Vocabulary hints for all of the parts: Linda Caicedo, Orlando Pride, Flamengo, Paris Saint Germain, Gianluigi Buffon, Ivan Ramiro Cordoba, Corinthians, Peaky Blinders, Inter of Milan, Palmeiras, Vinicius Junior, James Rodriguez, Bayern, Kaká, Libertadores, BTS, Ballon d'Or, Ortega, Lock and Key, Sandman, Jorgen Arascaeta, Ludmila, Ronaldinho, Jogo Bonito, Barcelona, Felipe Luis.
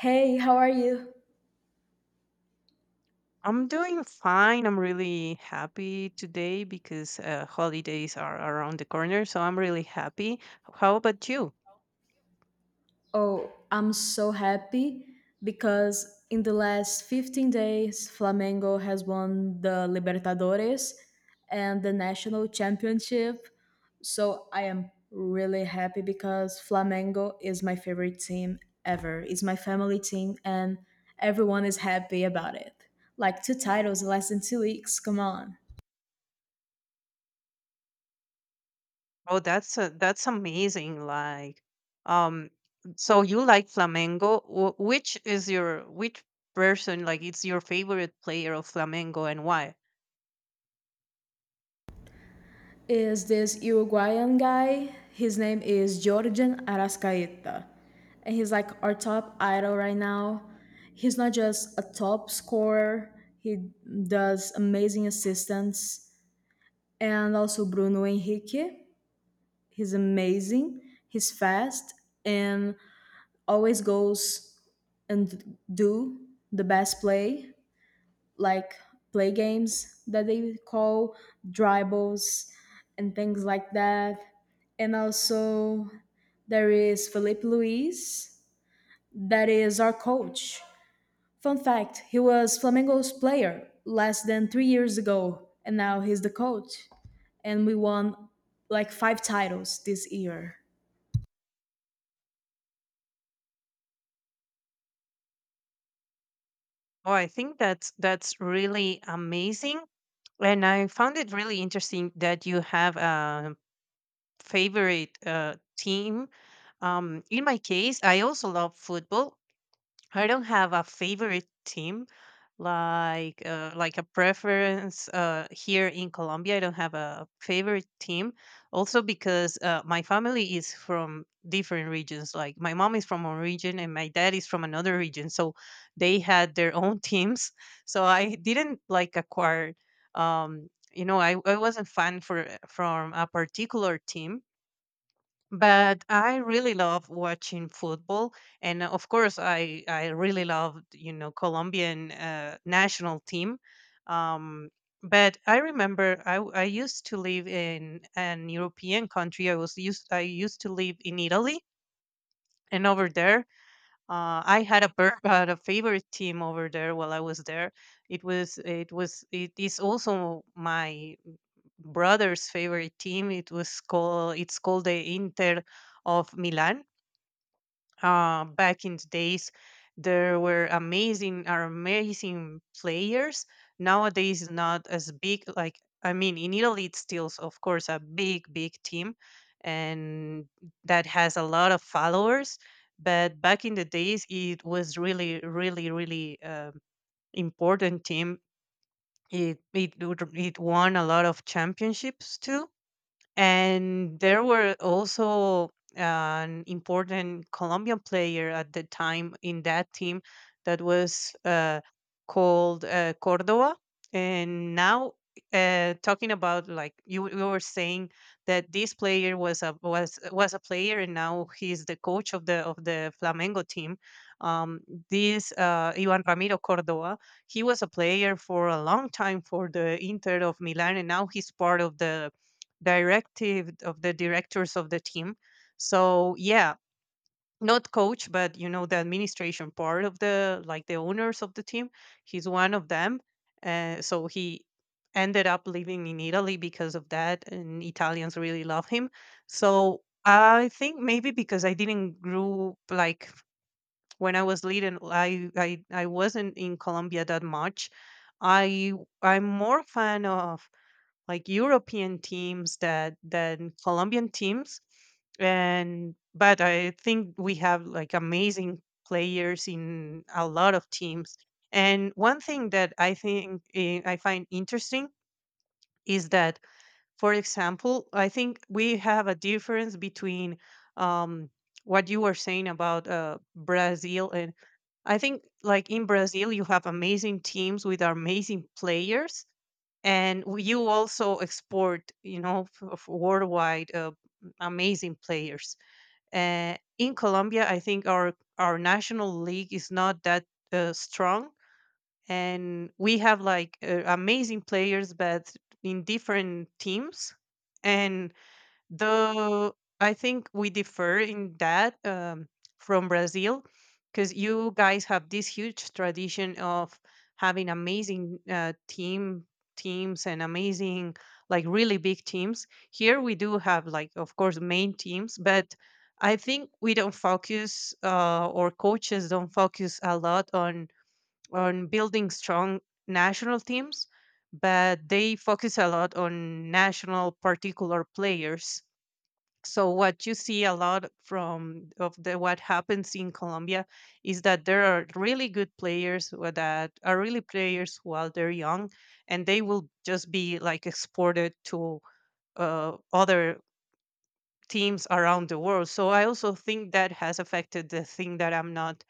Hey, how are you? I'm doing fine. I'm really happy today because holidays are around the corner, so I'm really happy. How about you? Oh, I'm so happy because in the last 15 days, Flamengo has won the Libertadores and the National Championship. So I am really happy because Flamengo is my favorite team ever. It's my family team, and everyone is happy about it. Like two titles in less than 2 weeks. Come on. Oh, that's amazing. Like, um, so you like Flamengo? Which is your, which person? Like, it's your favorite player of Flamengo, and why? Is this Uruguayan guy. His name is Jorgen Arascaeta. And he's like our top idol right now. He's not just a top scorer, he does amazing assistance. And also Bruno Henrique. He's amazing. He's fast and always goes and do the best play like play games that they call dribbles and things like that. And also there is Felipe Luis that is our coach. Fun fact, he was Flamengo's player less than 3 years ago and now he's the coach and we won like 5 titles this year. Oh, I think that's really amazing. And I found it really interesting that you have a favorite team. In my case, I also love football. I don't have a favorite team, like a preference here in Colombia. I don't have a favorite team. Also because my family is from different regions. Like my mom is from one region and my dad is from another region, so they had their own teams. So I didn't like acquire. I wasn't fan for from a particular team, but I really love watching football, and of course, I really love Colombian national team. Um, but I remember I used to live in an European country. I used to live in Italy, and over there, I had a had a favorite team over there while I was there. It is also my brother's favorite team. It's called the Inter of Milan. Back in the days, there were amazing are amazing players. Nowadays, it's not as big. Like, I mean, in Italy, it's still of course a big team and that has a lot of followers. But back in the days, it was really really really important team. It won a lot of championships too, and there were also an important Colombian player at the time in that team that was called Cordoba. And now, talking about, like, you were saying that this player was a player, and now he's the coach of the Flamengo team. Um, this Ivan Ramiro Cordoba, he was a player for a long time for the Inter of Milan, and now he's part of the directors of the team. So yeah, not coach, but, you know, the administration part of the, like, the owners of the team. He's one of them. So he ended up living in Italy because of that, and Italians really love him. So I think maybe because I didn't grow, like, when I was little, I wasn't in Colombia that much. I i'm more fan of, like, European teams that than Colombian teams. And but I think we have, like, amazing players in a lot of teams. And one thing that I find interesting is that, for example, I think we have a difference between um, what you were saying about Brazil. And I think, like in Brazil, you have amazing teams with amazing players, and you also export, worldwide, amazing players. In Colombia, I think our national league is not that strong, and we have, like, amazing players but in different teams, and the I think we differ in that, from Brazil, because you guys have this huge tradition of having amazing teams and amazing, like, really big teams. Here we do have, like, of course, main teams, but I think we don't focus, or coaches don't focus a lot on building strong national teams, but they focus a lot on national particular players. So what you see a lot from of the what happens in Colombia is that there are really good players that are really players while they're young, and they will just be, like, exported to other teams around the world. So I also think that has affected the thing that I'm not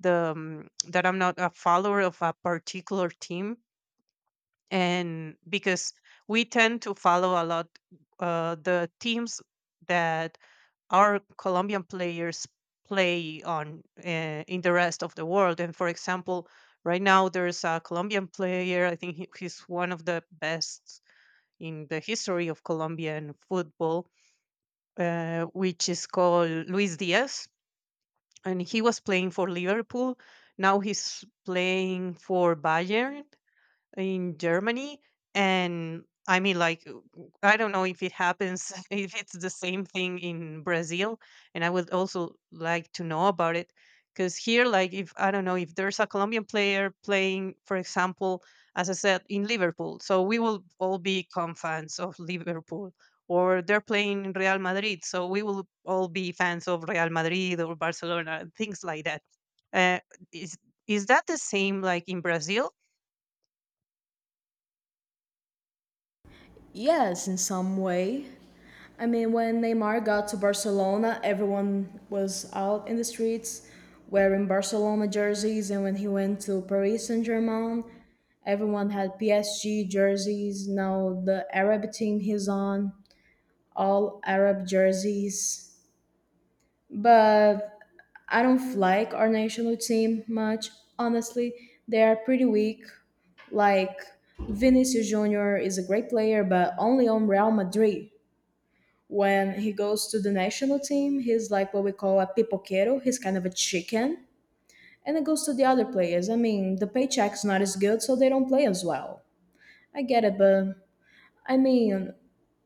the um, that I'm not a follower of a particular team, and because we tend to follow a lot, the teams that our Colombian players play on, in the rest of the world. And for example, right now there's a Colombian player. I think he's one of the best in the history of Colombian football, which is called Luis Diaz, and he was playing for Liverpool. Now he's playing for Bayern, in Germany. And I mean, like, I don't know if it happens, if it's the same thing in Brazil. And I would also like to know about it. Because here, like, if I don't know, if there's a Colombian player playing, for example, as I said, in Liverpool, so we will all become fans of Liverpool. Or they're playing in Real Madrid, so we will all be fans of Real Madrid or Barcelona, things like that. Uh, is is that the same, like, in Brazil? Yes, in some way. I mean, when Neymar got to Barcelona, everyone was out in the streets wearing Barcelona jerseys, and when he went to Paris Saint Germain, everyone had PSG jerseys. Now the Arab team he's on, all Arab jerseys. But I don't like our national team much, honestly. They are pretty weak. Like Vinicius Junior is a great player, but only on Real Madrid. When he goes to the national team, he's like what we call a pipoquero. He's kind of a chicken. And it goes to the other players. I mean, the paycheck's not as good, so they don't play as well. I get it, but I mean,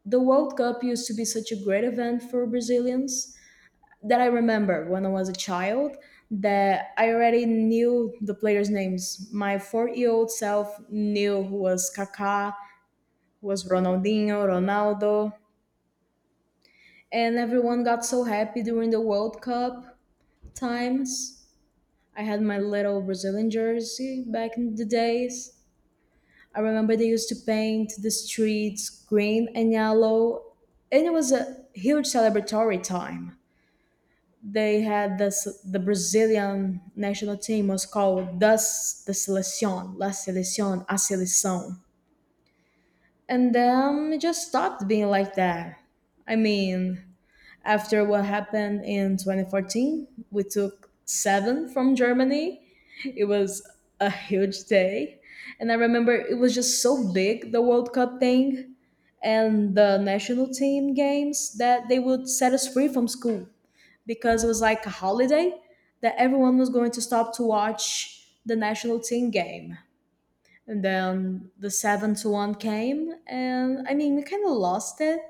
the World Cup used to be such a great event for Brazilians that I remember when I was a child that I already knew the players' names. My 4-year-old old self knew who was Kaká, who was Ronaldinho, Ronaldo, and everyone got so happy during the World Cup times. I had my little Brazilian jersey back in the days. I remember they used to paint the streets green and yellow, and it was a huge celebratory time. They had this, the Brazilian national team was called Das the Seleção, La Seleção, A Seleção. And then it just stopped being like that. I mean, after what happened in 2014, we took seven from Germany. It was a huge day. And I remember it was just so big, the World Cup thing and the national team games, that they would set us free from school because it was like a holiday that everyone was going to stop to watch the national team game. And then the 7-1 came, and I mean, we kind of lost it.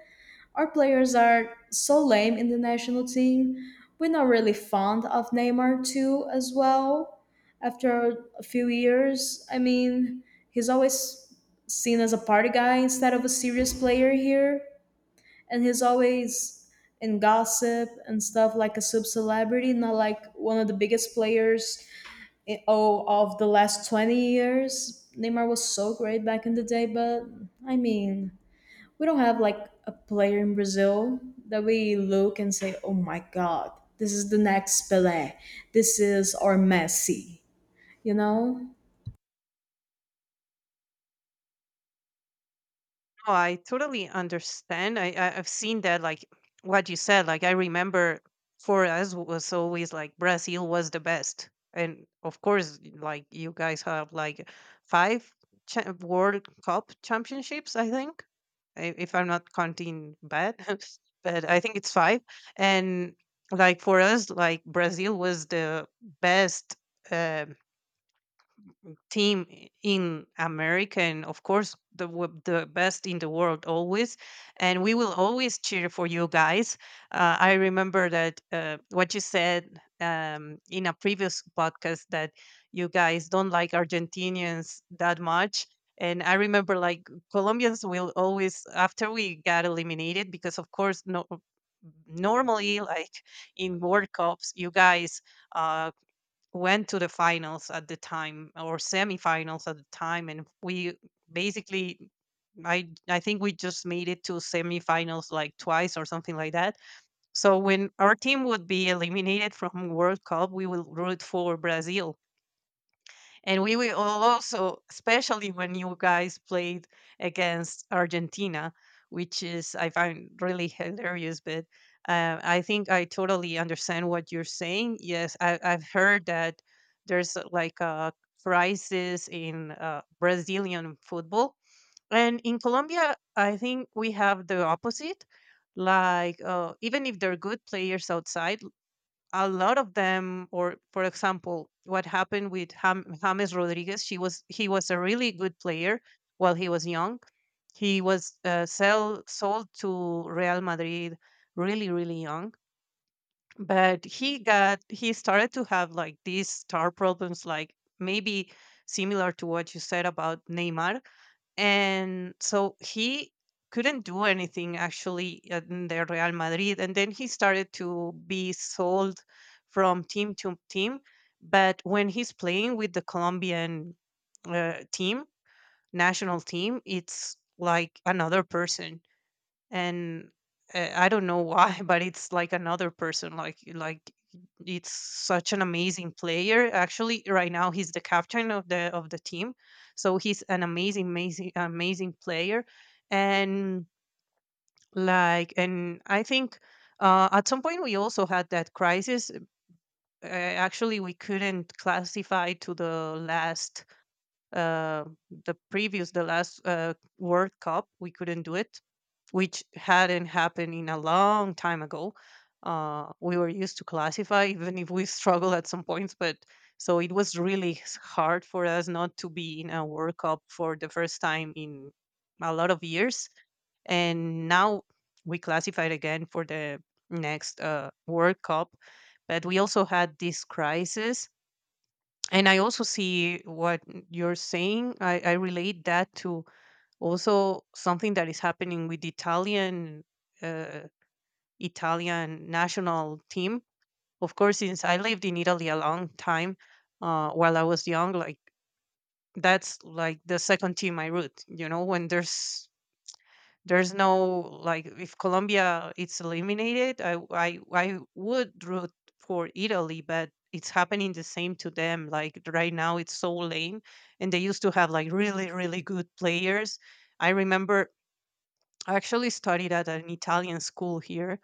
Our players are so lame in the national team. We're not really fond of Neymar too, as well. After a few years, I mean, he's always seen as a party guy instead of a serious player here, and he's always in gossip and stuff like a sub celebrity, not like one of the biggest players in, oh, of the last 20 years. Neymar was so great back in the day, but I mean, we don't have like a player in Brazil that we look and say, "Oh my God, this is the next Pelé. This is our Messi." You know? No, I totally understand. I've seen that, like what you said. Like I remember, for us was always like Brazil was the best, and of course, like you guys have like five World Cup championships, I think, if I'm not counting bad, but I think it's five. And like for us, like Brazil was the best Um, team in America, and of course the best in the world always. And we will always cheer for you guys. I remember that what you said in a previous podcast that you guys don't like Argentinians that much. And I remember, like, Colombians will always, after we got eliminated, because of course no, normally, like, in World Cups, you guys uh, went to the finals at the time or semifinals at the time, and we basically, I think we just made it to semifinals like twice or something like that. So when our team would be eliminated from World Cup, we will root for Brazil, and we will also, especially when you guys played against Argentina, which is, I find really hilarious. But I think I totally understand what you're saying. Yes, I've heard that there's, like, a crisis in Brazilian football. And in Colombia, I think we have the opposite. Like, even if they're good players outside, a lot of them, or for example, what happened with James Rodriguez. She was he was a really good player while he was young. He was sold to Real Madrid really really young, but he started to have, like, these star problems, like, maybe similar to what you said about Neymar, and so he couldn't do anything actually in the Real Madrid. And then he started to be sold from team to team. But when he's playing with the Colombian uh, team, national team, it's like another person, and I don't know why, but it's like another person. Like it's such an amazing player. Actually, right now he's the captain of the team, so he's an amazing, amazing, amazing player. And, like, and I think. At some point, we also had that crisis. Actually, we couldn't classify to the last, uh, the previous, the last, World Cup. We couldn't do it, which hadn't happened in a long time ago. We were used to classify, even if we struggle at some points, but so it was really hard for us not to be in a World Cup for the first time in a lot of years. And now we classified again for the next World Cup. But we also had this crisis, and I also see what you're saying. I relate that to also something that is happening with the Italian uh, national team. Of course, since I lived in Italy a long time, while I was young, like, that's like the second team I root, you know, when there's no, like, if Colombia it's eliminated, I would root for Italy, but it's happening the same to them. Like right now, it's so lame, and they used to have like really really good players. I remember I actually studied at an Italian school here,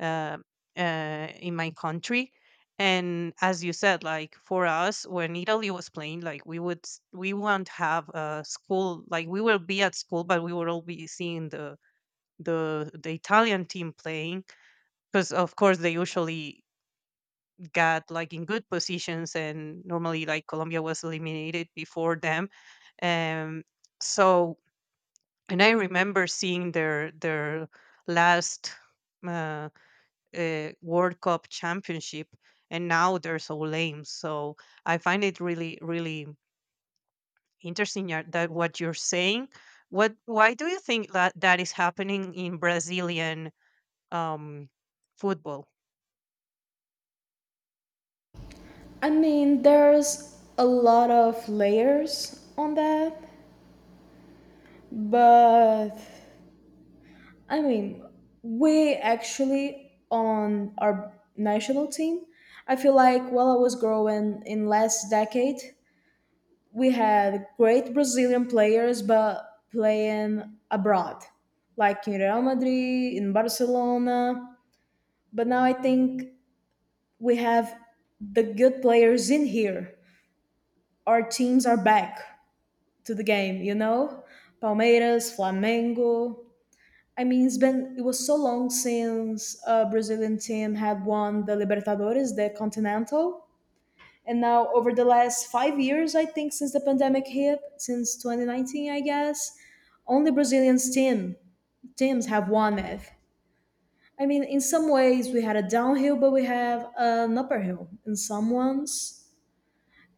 uh, in my country, and as you said, like for us, when Italy was playing, like we won't have a school, like we will be at school, but we would all be seeing the Italian team playing, because of course they usually got like in good positions, and normally, like, Colombia was eliminated before them. Um so and I remember seeing their last uh, World Cup championship, and now they're so lame. So I find it really really interesting, that what you're saying. What why do you think that is happening in Brazilian um football? I mean, there's a lot of layers on that, but I mean, we actually on our national team. I feel like while I was growing in last decade, we had great Brazilian players, but playing abroad, like in Real Madrid, in Barcelona. But now I think we have the good players in here. Our teams are back to the game, you know? Palmeiras, Flamengo. I mean, it's been, it was so long since a Brazilian team had won the Libertadores, the Continental. And now, over the last 5 years, I think since the pandemic hit, since 2019, I guess, only Brazilians teams have won it. I mean, in some ways, we had a downhill, but we have an upper hill in some ones.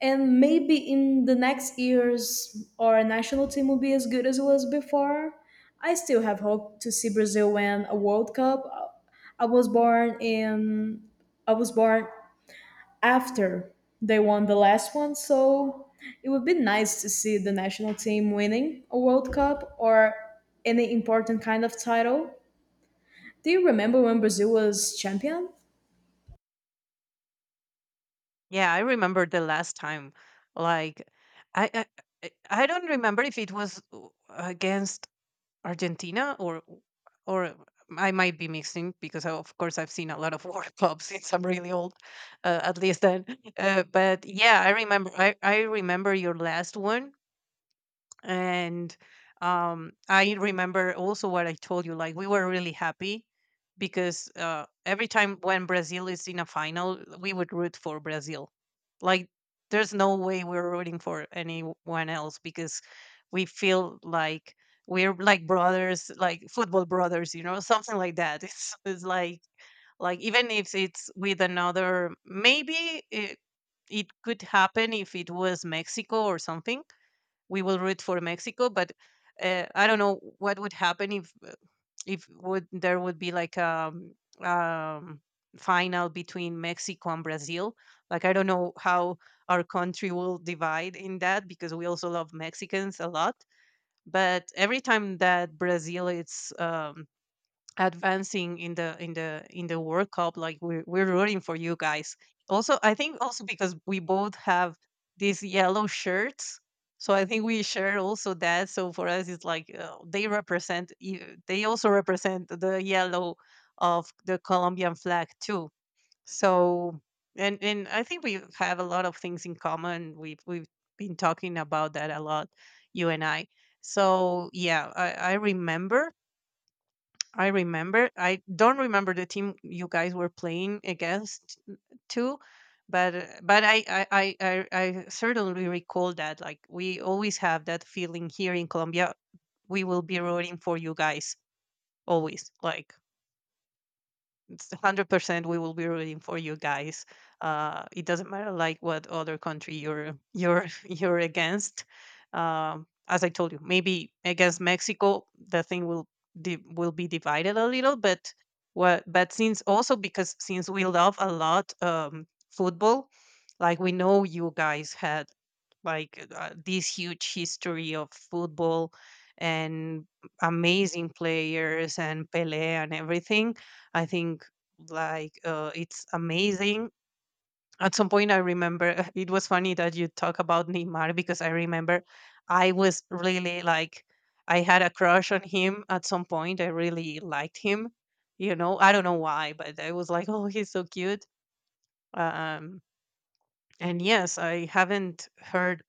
And maybe in the next years, our national team will be as good as it was before. I still have hope to see Brazil win a World Cup. I was born in I was born after they won the last one. So it would be nice to see the national team winning a World Cup or any important kind of title. Do you remember when Brazil was champion? Yeah, I remember the last time. Like, I I, I, I don't remember if it was against Argentina or I might be mixing because I, of course, I've seen a lot of World Cups since I'm really old, at least then. But yeah, I remember. I remember your last one, and I remember also what I told you. Like, we were really happy because every time when Brazil is in a final, we would root for Brazil. Like, there's no way we're rooting for anyone else because we feel like we're like brothers, like football brothers, something like that. It's like even if it's with another, maybe it could happen. If it was Mexico or something, we will root for Mexico. But I don't know what would happen if would there would be like a um, um, final between Mexico and Brazil. Like, I don't know how our country will divide in that because we also love Mexicans a lot. But every time that Brazil is advancing in the World Cup. Like, we're rooting for you guys. Also, I think also because we both have these yellow shirts, so I think we share also that. So for us, it's like they represent. They also represent the yellow of the Colombian flag too. So and I think we have a lot of things in common. We've been talking about that a lot, you and I. So yeah, I remember. I remember. I don't remember the team you guys were playing against too, but I certainly recall that. Like, we always have that feeling here in Colombia. We will be rooting for you guys always. Like, it's 100% we will be rooting for you guys. It doesn't matter like what other country you're you're against. As I told you, maybe against Mexico the thing will will be divided a little. But what? But since also, because since we love a lot football, like, we know you guys had like this huge history of football and amazing players and Pele and everything. I think like it's amazing. At some point, I remember it was funny that you talk about Neymar, because I remember I was really like, I had a crush on him at some point. I really liked him. You know, I don't know why, but I was like, oh, he's so cute. Uh, Um, and yes, I haven't heard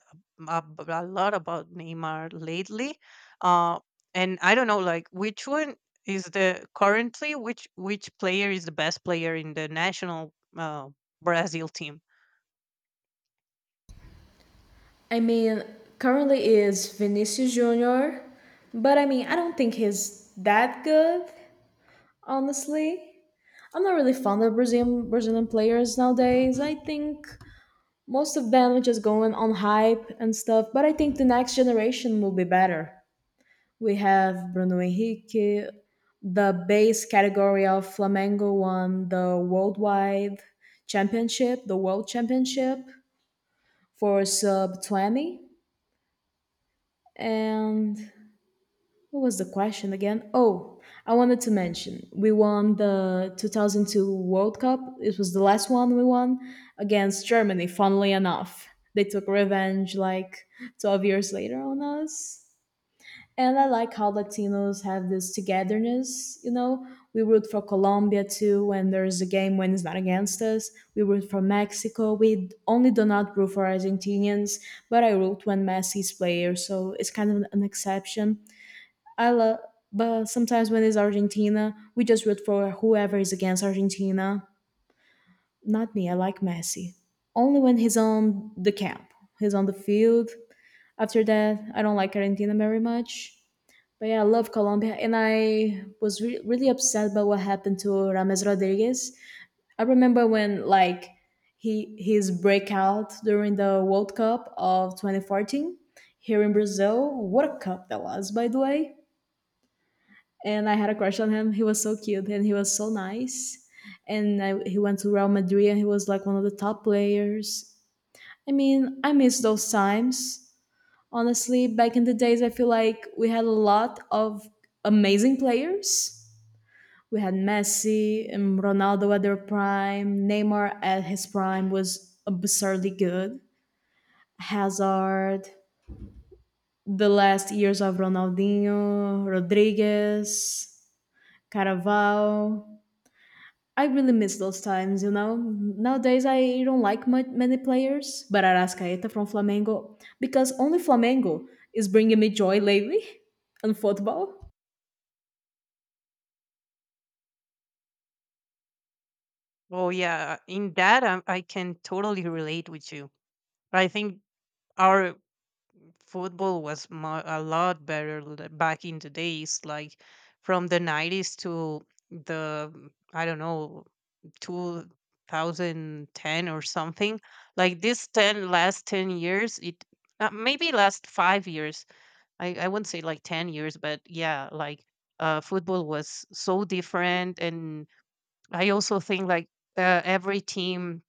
a, lot about Neymar lately. Uh, and I don't know, like, which one is the currently, which player is the best player in the national Brazil team? I mean, currently is Vinicius Junior, but I mean, I don't think he's that good, honestly. I'm not really fond of Brazilian players nowadays. I think most of them are just going on hype and stuff, but I think the next generation will be better. We have Bruno Henrique. The base category of Flamengo won the worldwide championship, the world championship for sub 20. And what was the question again? Oh, I wanted to mention we won the 2002 World Cup. It was the last one we won against Germany, funnily enough. They took revenge like 12 years later on us. And I like how Latinos have this togetherness, you know. We root for Colombia too when there's a game when it's not against us. We root for Mexico. We only do not root for Argentinians, but I root when Messi's player, so it's kind of an exception. I love but sometimes when it's Argentina, we just root for whoever is against Argentina. Not me, I like Messi. Only when he's on the camp, he's on the field. After that, I don't like Argentina very much. But yeah, I love Colombia, and I was really upset by what happened to Rames Rodriguez. I remember when like he his breakout during the World Cup of 2014 here in Brazil. What a cup that was, by the way! And I had a crush on him. He was so cute and he was so nice. And I, he went to Real Madrid and he was like one of the top players. I mean, I miss those times. Honestly, back in the days, I feel like we had a lot of amazing players. We had Messi and Ronaldo at their prime. Neymar at his prime was absurdly good. Hazard, the last years of Ronaldinho, Rodriguez, Caravaggio. I really miss those times, you know. Nowadays, I don't like much, many players, but Arascaeta from Flamengo, because only Flamengo is bringing me joy lately on football. Oh yeah, in that I can totally relate with you. I think our football was a lot better back in the days, like from the nineties to the, I don't know, 2010 or something. Like this 10, last 10 years, it maybe last 5 years, I wouldn't say like 10 years, but yeah, like football was so different. And I also think like every team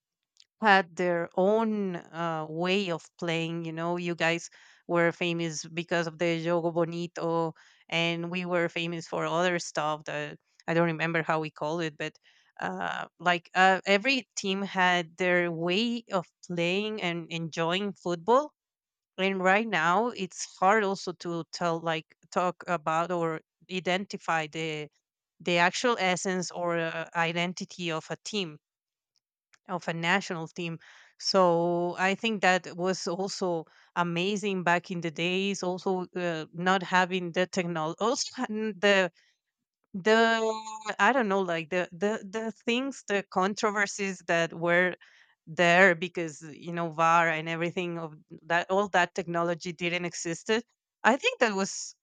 had their own way of playing. You know, you guys were famous because of the Jogo Bonito, and we were famous for other stuff that I don't remember how we call it, but like every team had their way of playing and enjoying football. And right now, it's hard also to tell, like, talk about or identify the actual essence or identity of a team, of a national team. So I think that was also amazing back in the days. Also, not having the technology, also the I don't know, like the things, the controversies that were there because, you know, VAR and everything of that, all that technology didn't exist. I think that was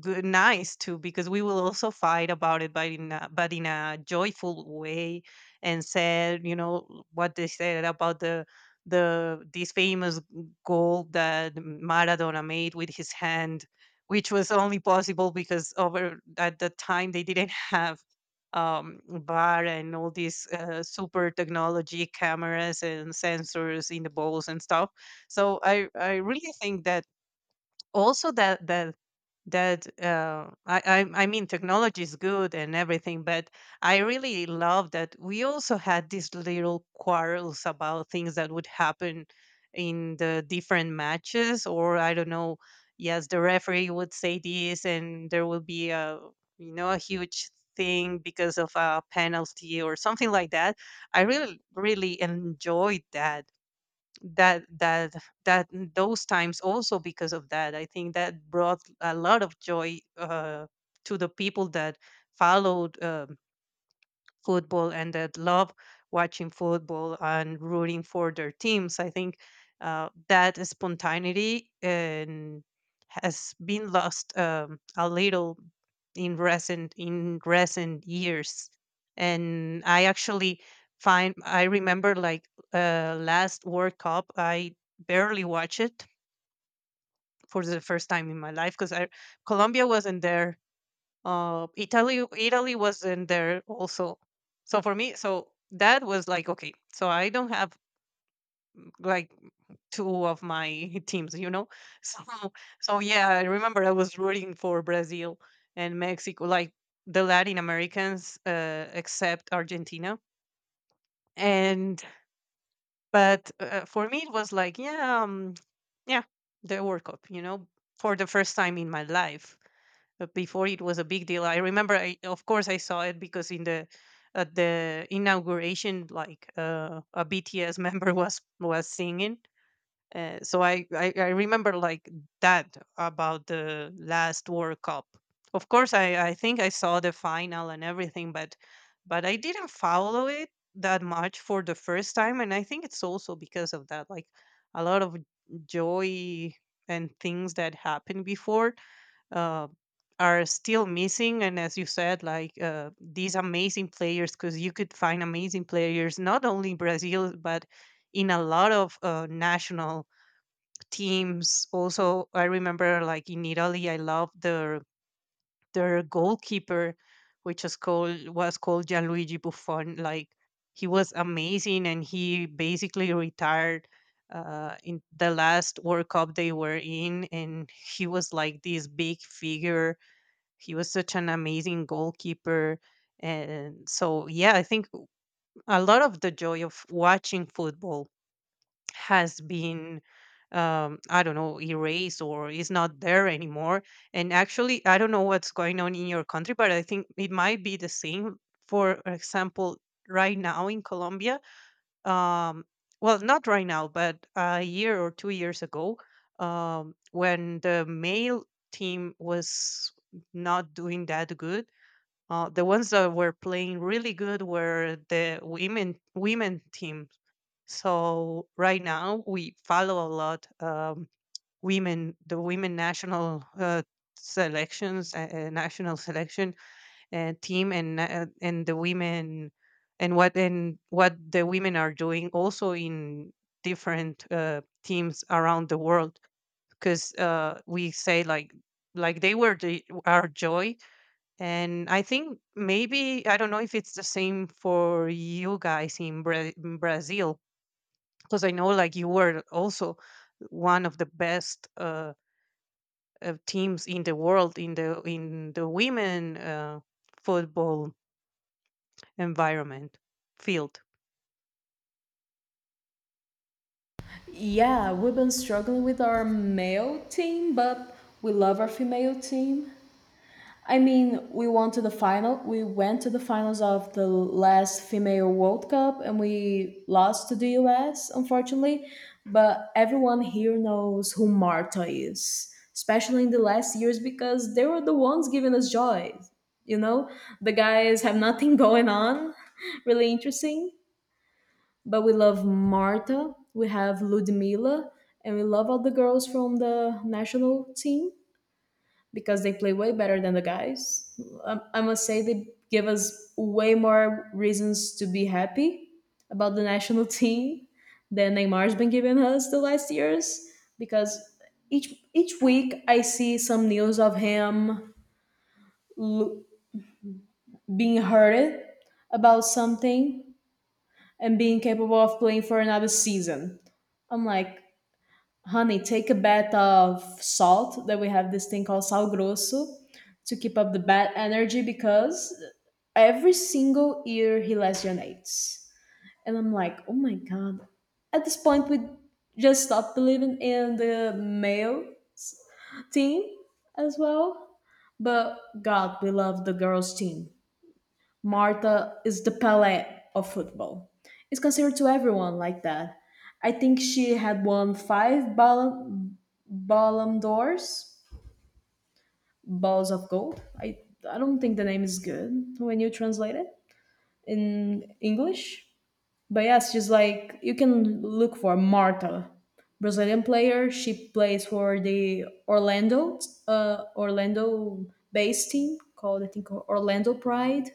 good, nice too, because we will also fight about it, but in a joyful way. And said, you know what they said about the this famous goal that Maradona made with his hand, which was only possible because over at the time they didn't have bar and all these super technology cameras and sensors in the bowls and stuff. So I really think that also that that that I mean, technology is good and everything, but I really love that we also had these little quarrels about things that would happen in the different matches, or I don't know. Yes, the referee would say this, and there will be a, you know, a huge thing because of a penalty or something like that. I really really enjoyed that that that that those times, also because of that. I think that brought a lot of joy to the people that followed football and that love watching football and rooting for their teams. I think that spontaneity and has been lost a little in recent years. And I actually find, I remember like last World Cup, I barely watched it for the first time in my life because I, Colombia wasn't there. Italy, Italy was in there also. So for me, so that was like, okay. So I don't have like two of my teams, you know. So so yeah, I remember I was rooting for Brazil and Mexico, like the Latin Americans, except Argentina. And but for me, it was like, yeah, yeah, the World Cup, you know, for the first time in my life. But before, it was a big deal. I remember, I, of course, I saw it because in the, at the inauguration, like a BTS member was singing. So I remember like that about the last World Cup. Of course, I think I saw the final and everything, but I didn't follow it that much for the first time, and I think it's also because of that, like a lot of joy and things that happened before uh, are still missing. And as you said, like these amazing players, because you could find amazing players not only in Brazil, but in a lot of national teams. Also, I remember like in Italy, I love their goalkeeper, which is called, was called Gianluigi Buffon. Like, he was amazing, and he basically retired in the last World Cup they were in, and he was like this big figure. He was such an amazing goalkeeper. And so, yeah, I think a lot of the joy of watching football has been, I don't know, erased or is not there anymore. And actually, I don't know what's going on in your country, but I think it might be the same. For example, right now in Colombia, um, well, not right now, but a year or 2 years ago, when the male team was not doing that good, the ones that were playing really good were the women team. So right now we follow a lot, women, the women national selections, national selection team and and the women and what, and what the women are doing also in different teams around the world because we say like they were the, our joy. And I think maybe, I don't know if it's the same for you guys in, in Brazil, because I know like you were also one of the best teams in the world in the women football environment, field. Yeah, we've been struggling with our male team, but we love our female team. I mean, we won to the final. We went to the finals of the last female World Cup and we lost to the US, unfortunately. But everyone here knows who Marta is, especially in the last years because they were the ones giving us joy. You know, the guys have nothing going on, really interesting but we love Marta, we have Ludmila, and we love all the girls from the national team because they play way better than the guys. I must say they give us way more reasons to be happy about the national team than Neymar's been giving us the last years because each week I see some news of him l- being hurted about something and being capable of playing for another season. I'm like, honey, take a bath of salt. That we have this thing called sal grosso to keep up the bad energy because every single year he lesionates. And I'm like, oh my God. At this point, we just stopped believing in the male team as well. But God, we love the girls' team. Marta is the Pelé of football. It's considered to everyone like that. I think she had won five Ballon Balam Doors, Balls of Gold. I don't think the name is good when you translate it in English. But yes, she's like you can look for Marta, Brazilian player. She plays for the Orlando based team called I think Orlando Pride,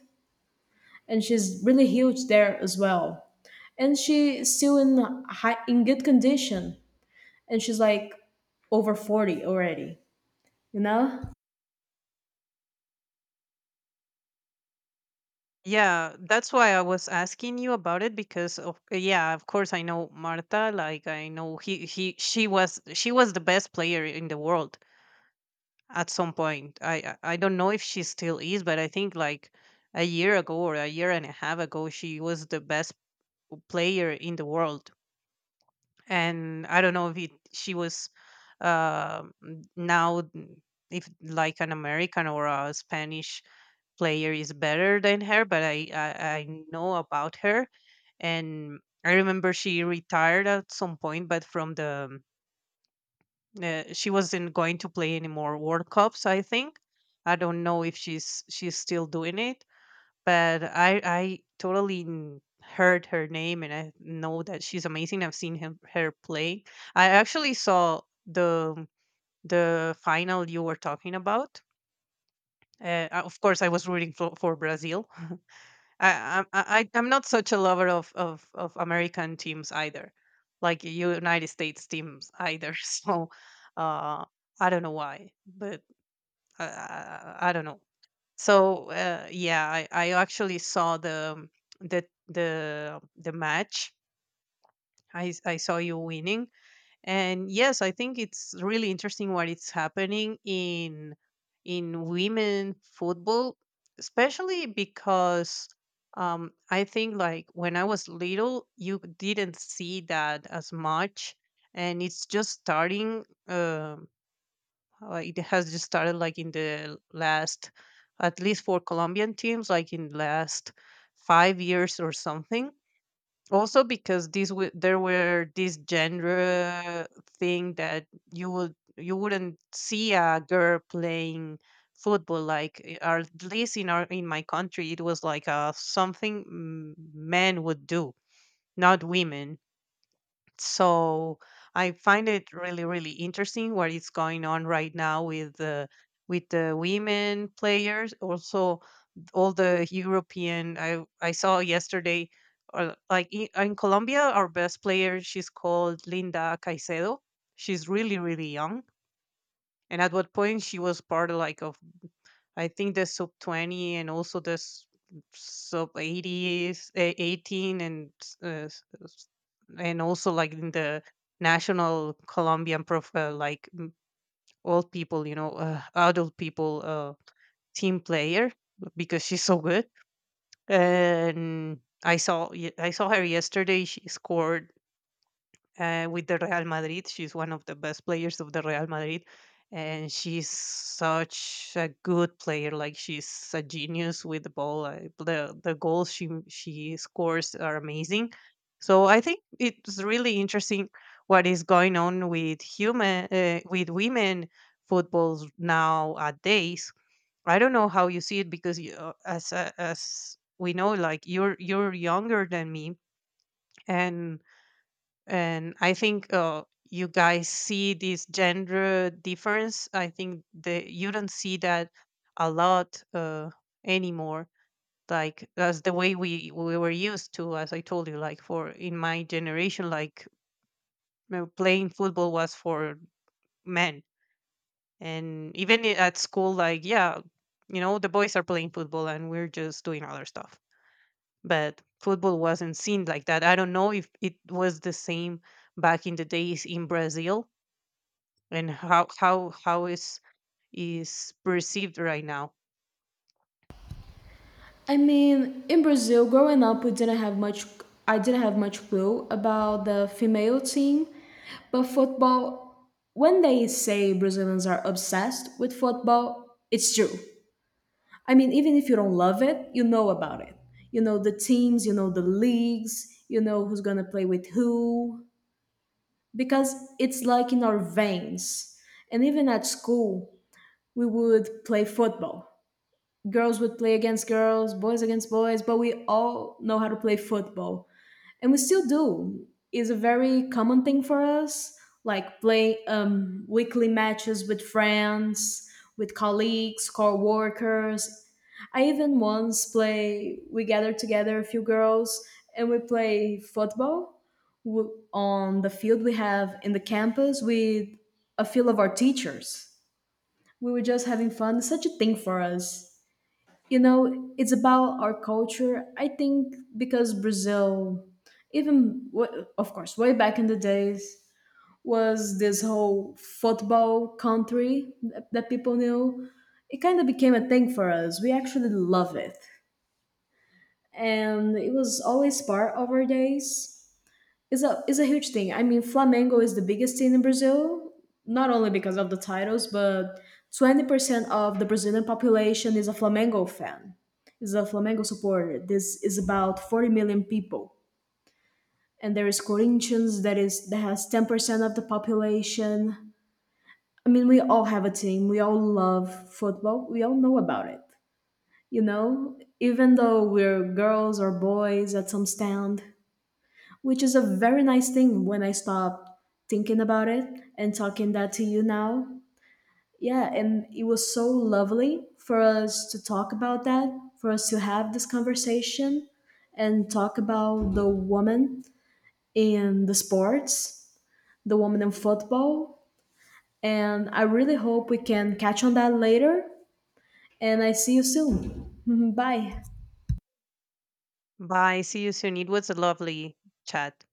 and she's really huge there as well. And she's still in high, in good condition, and she's like over 40 already. You know. Yeah, that's why I was asking you about it, because of yeah, of course I know Marta. Like, I know he she was, she was the best player in the world at some point. I don't know if she still is, but I think like a year ago or a year and a half ago, she was the best player in the world, and I don't know if it, she was uh, now if like an American or a Spanish player is better than her, but I know about her, and I remember she retired at some point, but from the she wasn't going to play any more World Cups, I think. I don't know if she's still doing it, but I totally heard her name and I know that she's amazing. I've seen her play. I actually saw the the final you were talking about. Of course, I was rooting for Brazil. I'm not such a lover of American teams either, like United States teams either. So uh, I don't know why, but I don't know. So yeah, I actually saw the the the match. I saw you winning, and yes, I think it's really interesting what is happening in women football, especially because I think like when I was little, you didn't see that as much, and it's just starting. It has just started like in the last, at least for Colombian teams, like in the last 5 years or something, also because these there were this genre thing that you would, you wouldn't see a girl playing football like, or at least in our, in my country, it was like something men would do, not women. So I find it really, really interesting what is going on right now with the women players. Also, all the European. I saw yesterday, like in Colombia, our best player. She's called Linda Caicedo. She's really, really young, and at what point she was part of like of, I think, the sub 20 and also the sub 80s, eh, 18 and and also like in the national Colombian profile, like old people, you know, adult people, team player because she's so good. And I saw I saw her yesterday. She scored with the Real Madrid. She's one of the best players of the Real Madrid, and she's such a good player. Like, she's a genius with the ball. The goals she scores are amazing. So I think it's really interesting what is going on with human with women footballs nowadays. I don't know how you see it because you, as we know, like you're younger than me, and and I think you guys see this gender difference. I think that you don't see that a lot anymore, like that's the way we were used to. As I told you, like for, in my generation, like, you know, playing football was for men. And even at school, like, yeah, you know, the boys are playing football and we're just doing other stuff. But football wasn't seen like that. I don't know if it was the same back in the days in Brazil, and how how is perceived right now. I mean, in Brazil, growing up, we didn't have much. I didn't have much clue about the female team, but football. When they say Brazilians are obsessed with football, it's true. I mean, even if you don't love it, you know about it. You know the teams, you know the leagues, you know who's gonna play with who, because it's like in our veins. And even at school, we would play football, girls would play against girls, boys against boys, but we all know how to play football. And we still do. It's a very common thing for us, like play weekly matches with friends, with colleagues, co-workers. I even once play, we gathered together a few girls and we play football on the field we have in the campus with a few of our teachers. We were just having fun. It's such a thing for us. You know, it's about our culture. I think because Brazil even of course way back in the days was this whole football country that people knew. It kind of became a thing for us. We actually love it, and it was always part of our days, is a huge thing. I mean, Flamengo is the biggest team in Brazil, not only because of the titles, but 20% of the Brazilian population is a Flamengo fan, is a Flamengo supporter. This is about 40 million people, and there is Corinthians that has 10% of the population. I mean, we all have a team. We all love football. We all know about it. You know, even though we're girls or boys at some stand, which is a very nice thing when I stopped thinking about it and talking that to you now. Yeah, and it was so lovely for us to talk about that, for us to have this conversation and talk about the woman in the sports, the woman in football. And I really hope we can catch on that later. And I see you soon. Bye. Bye, see you soon. It was a lovely chat.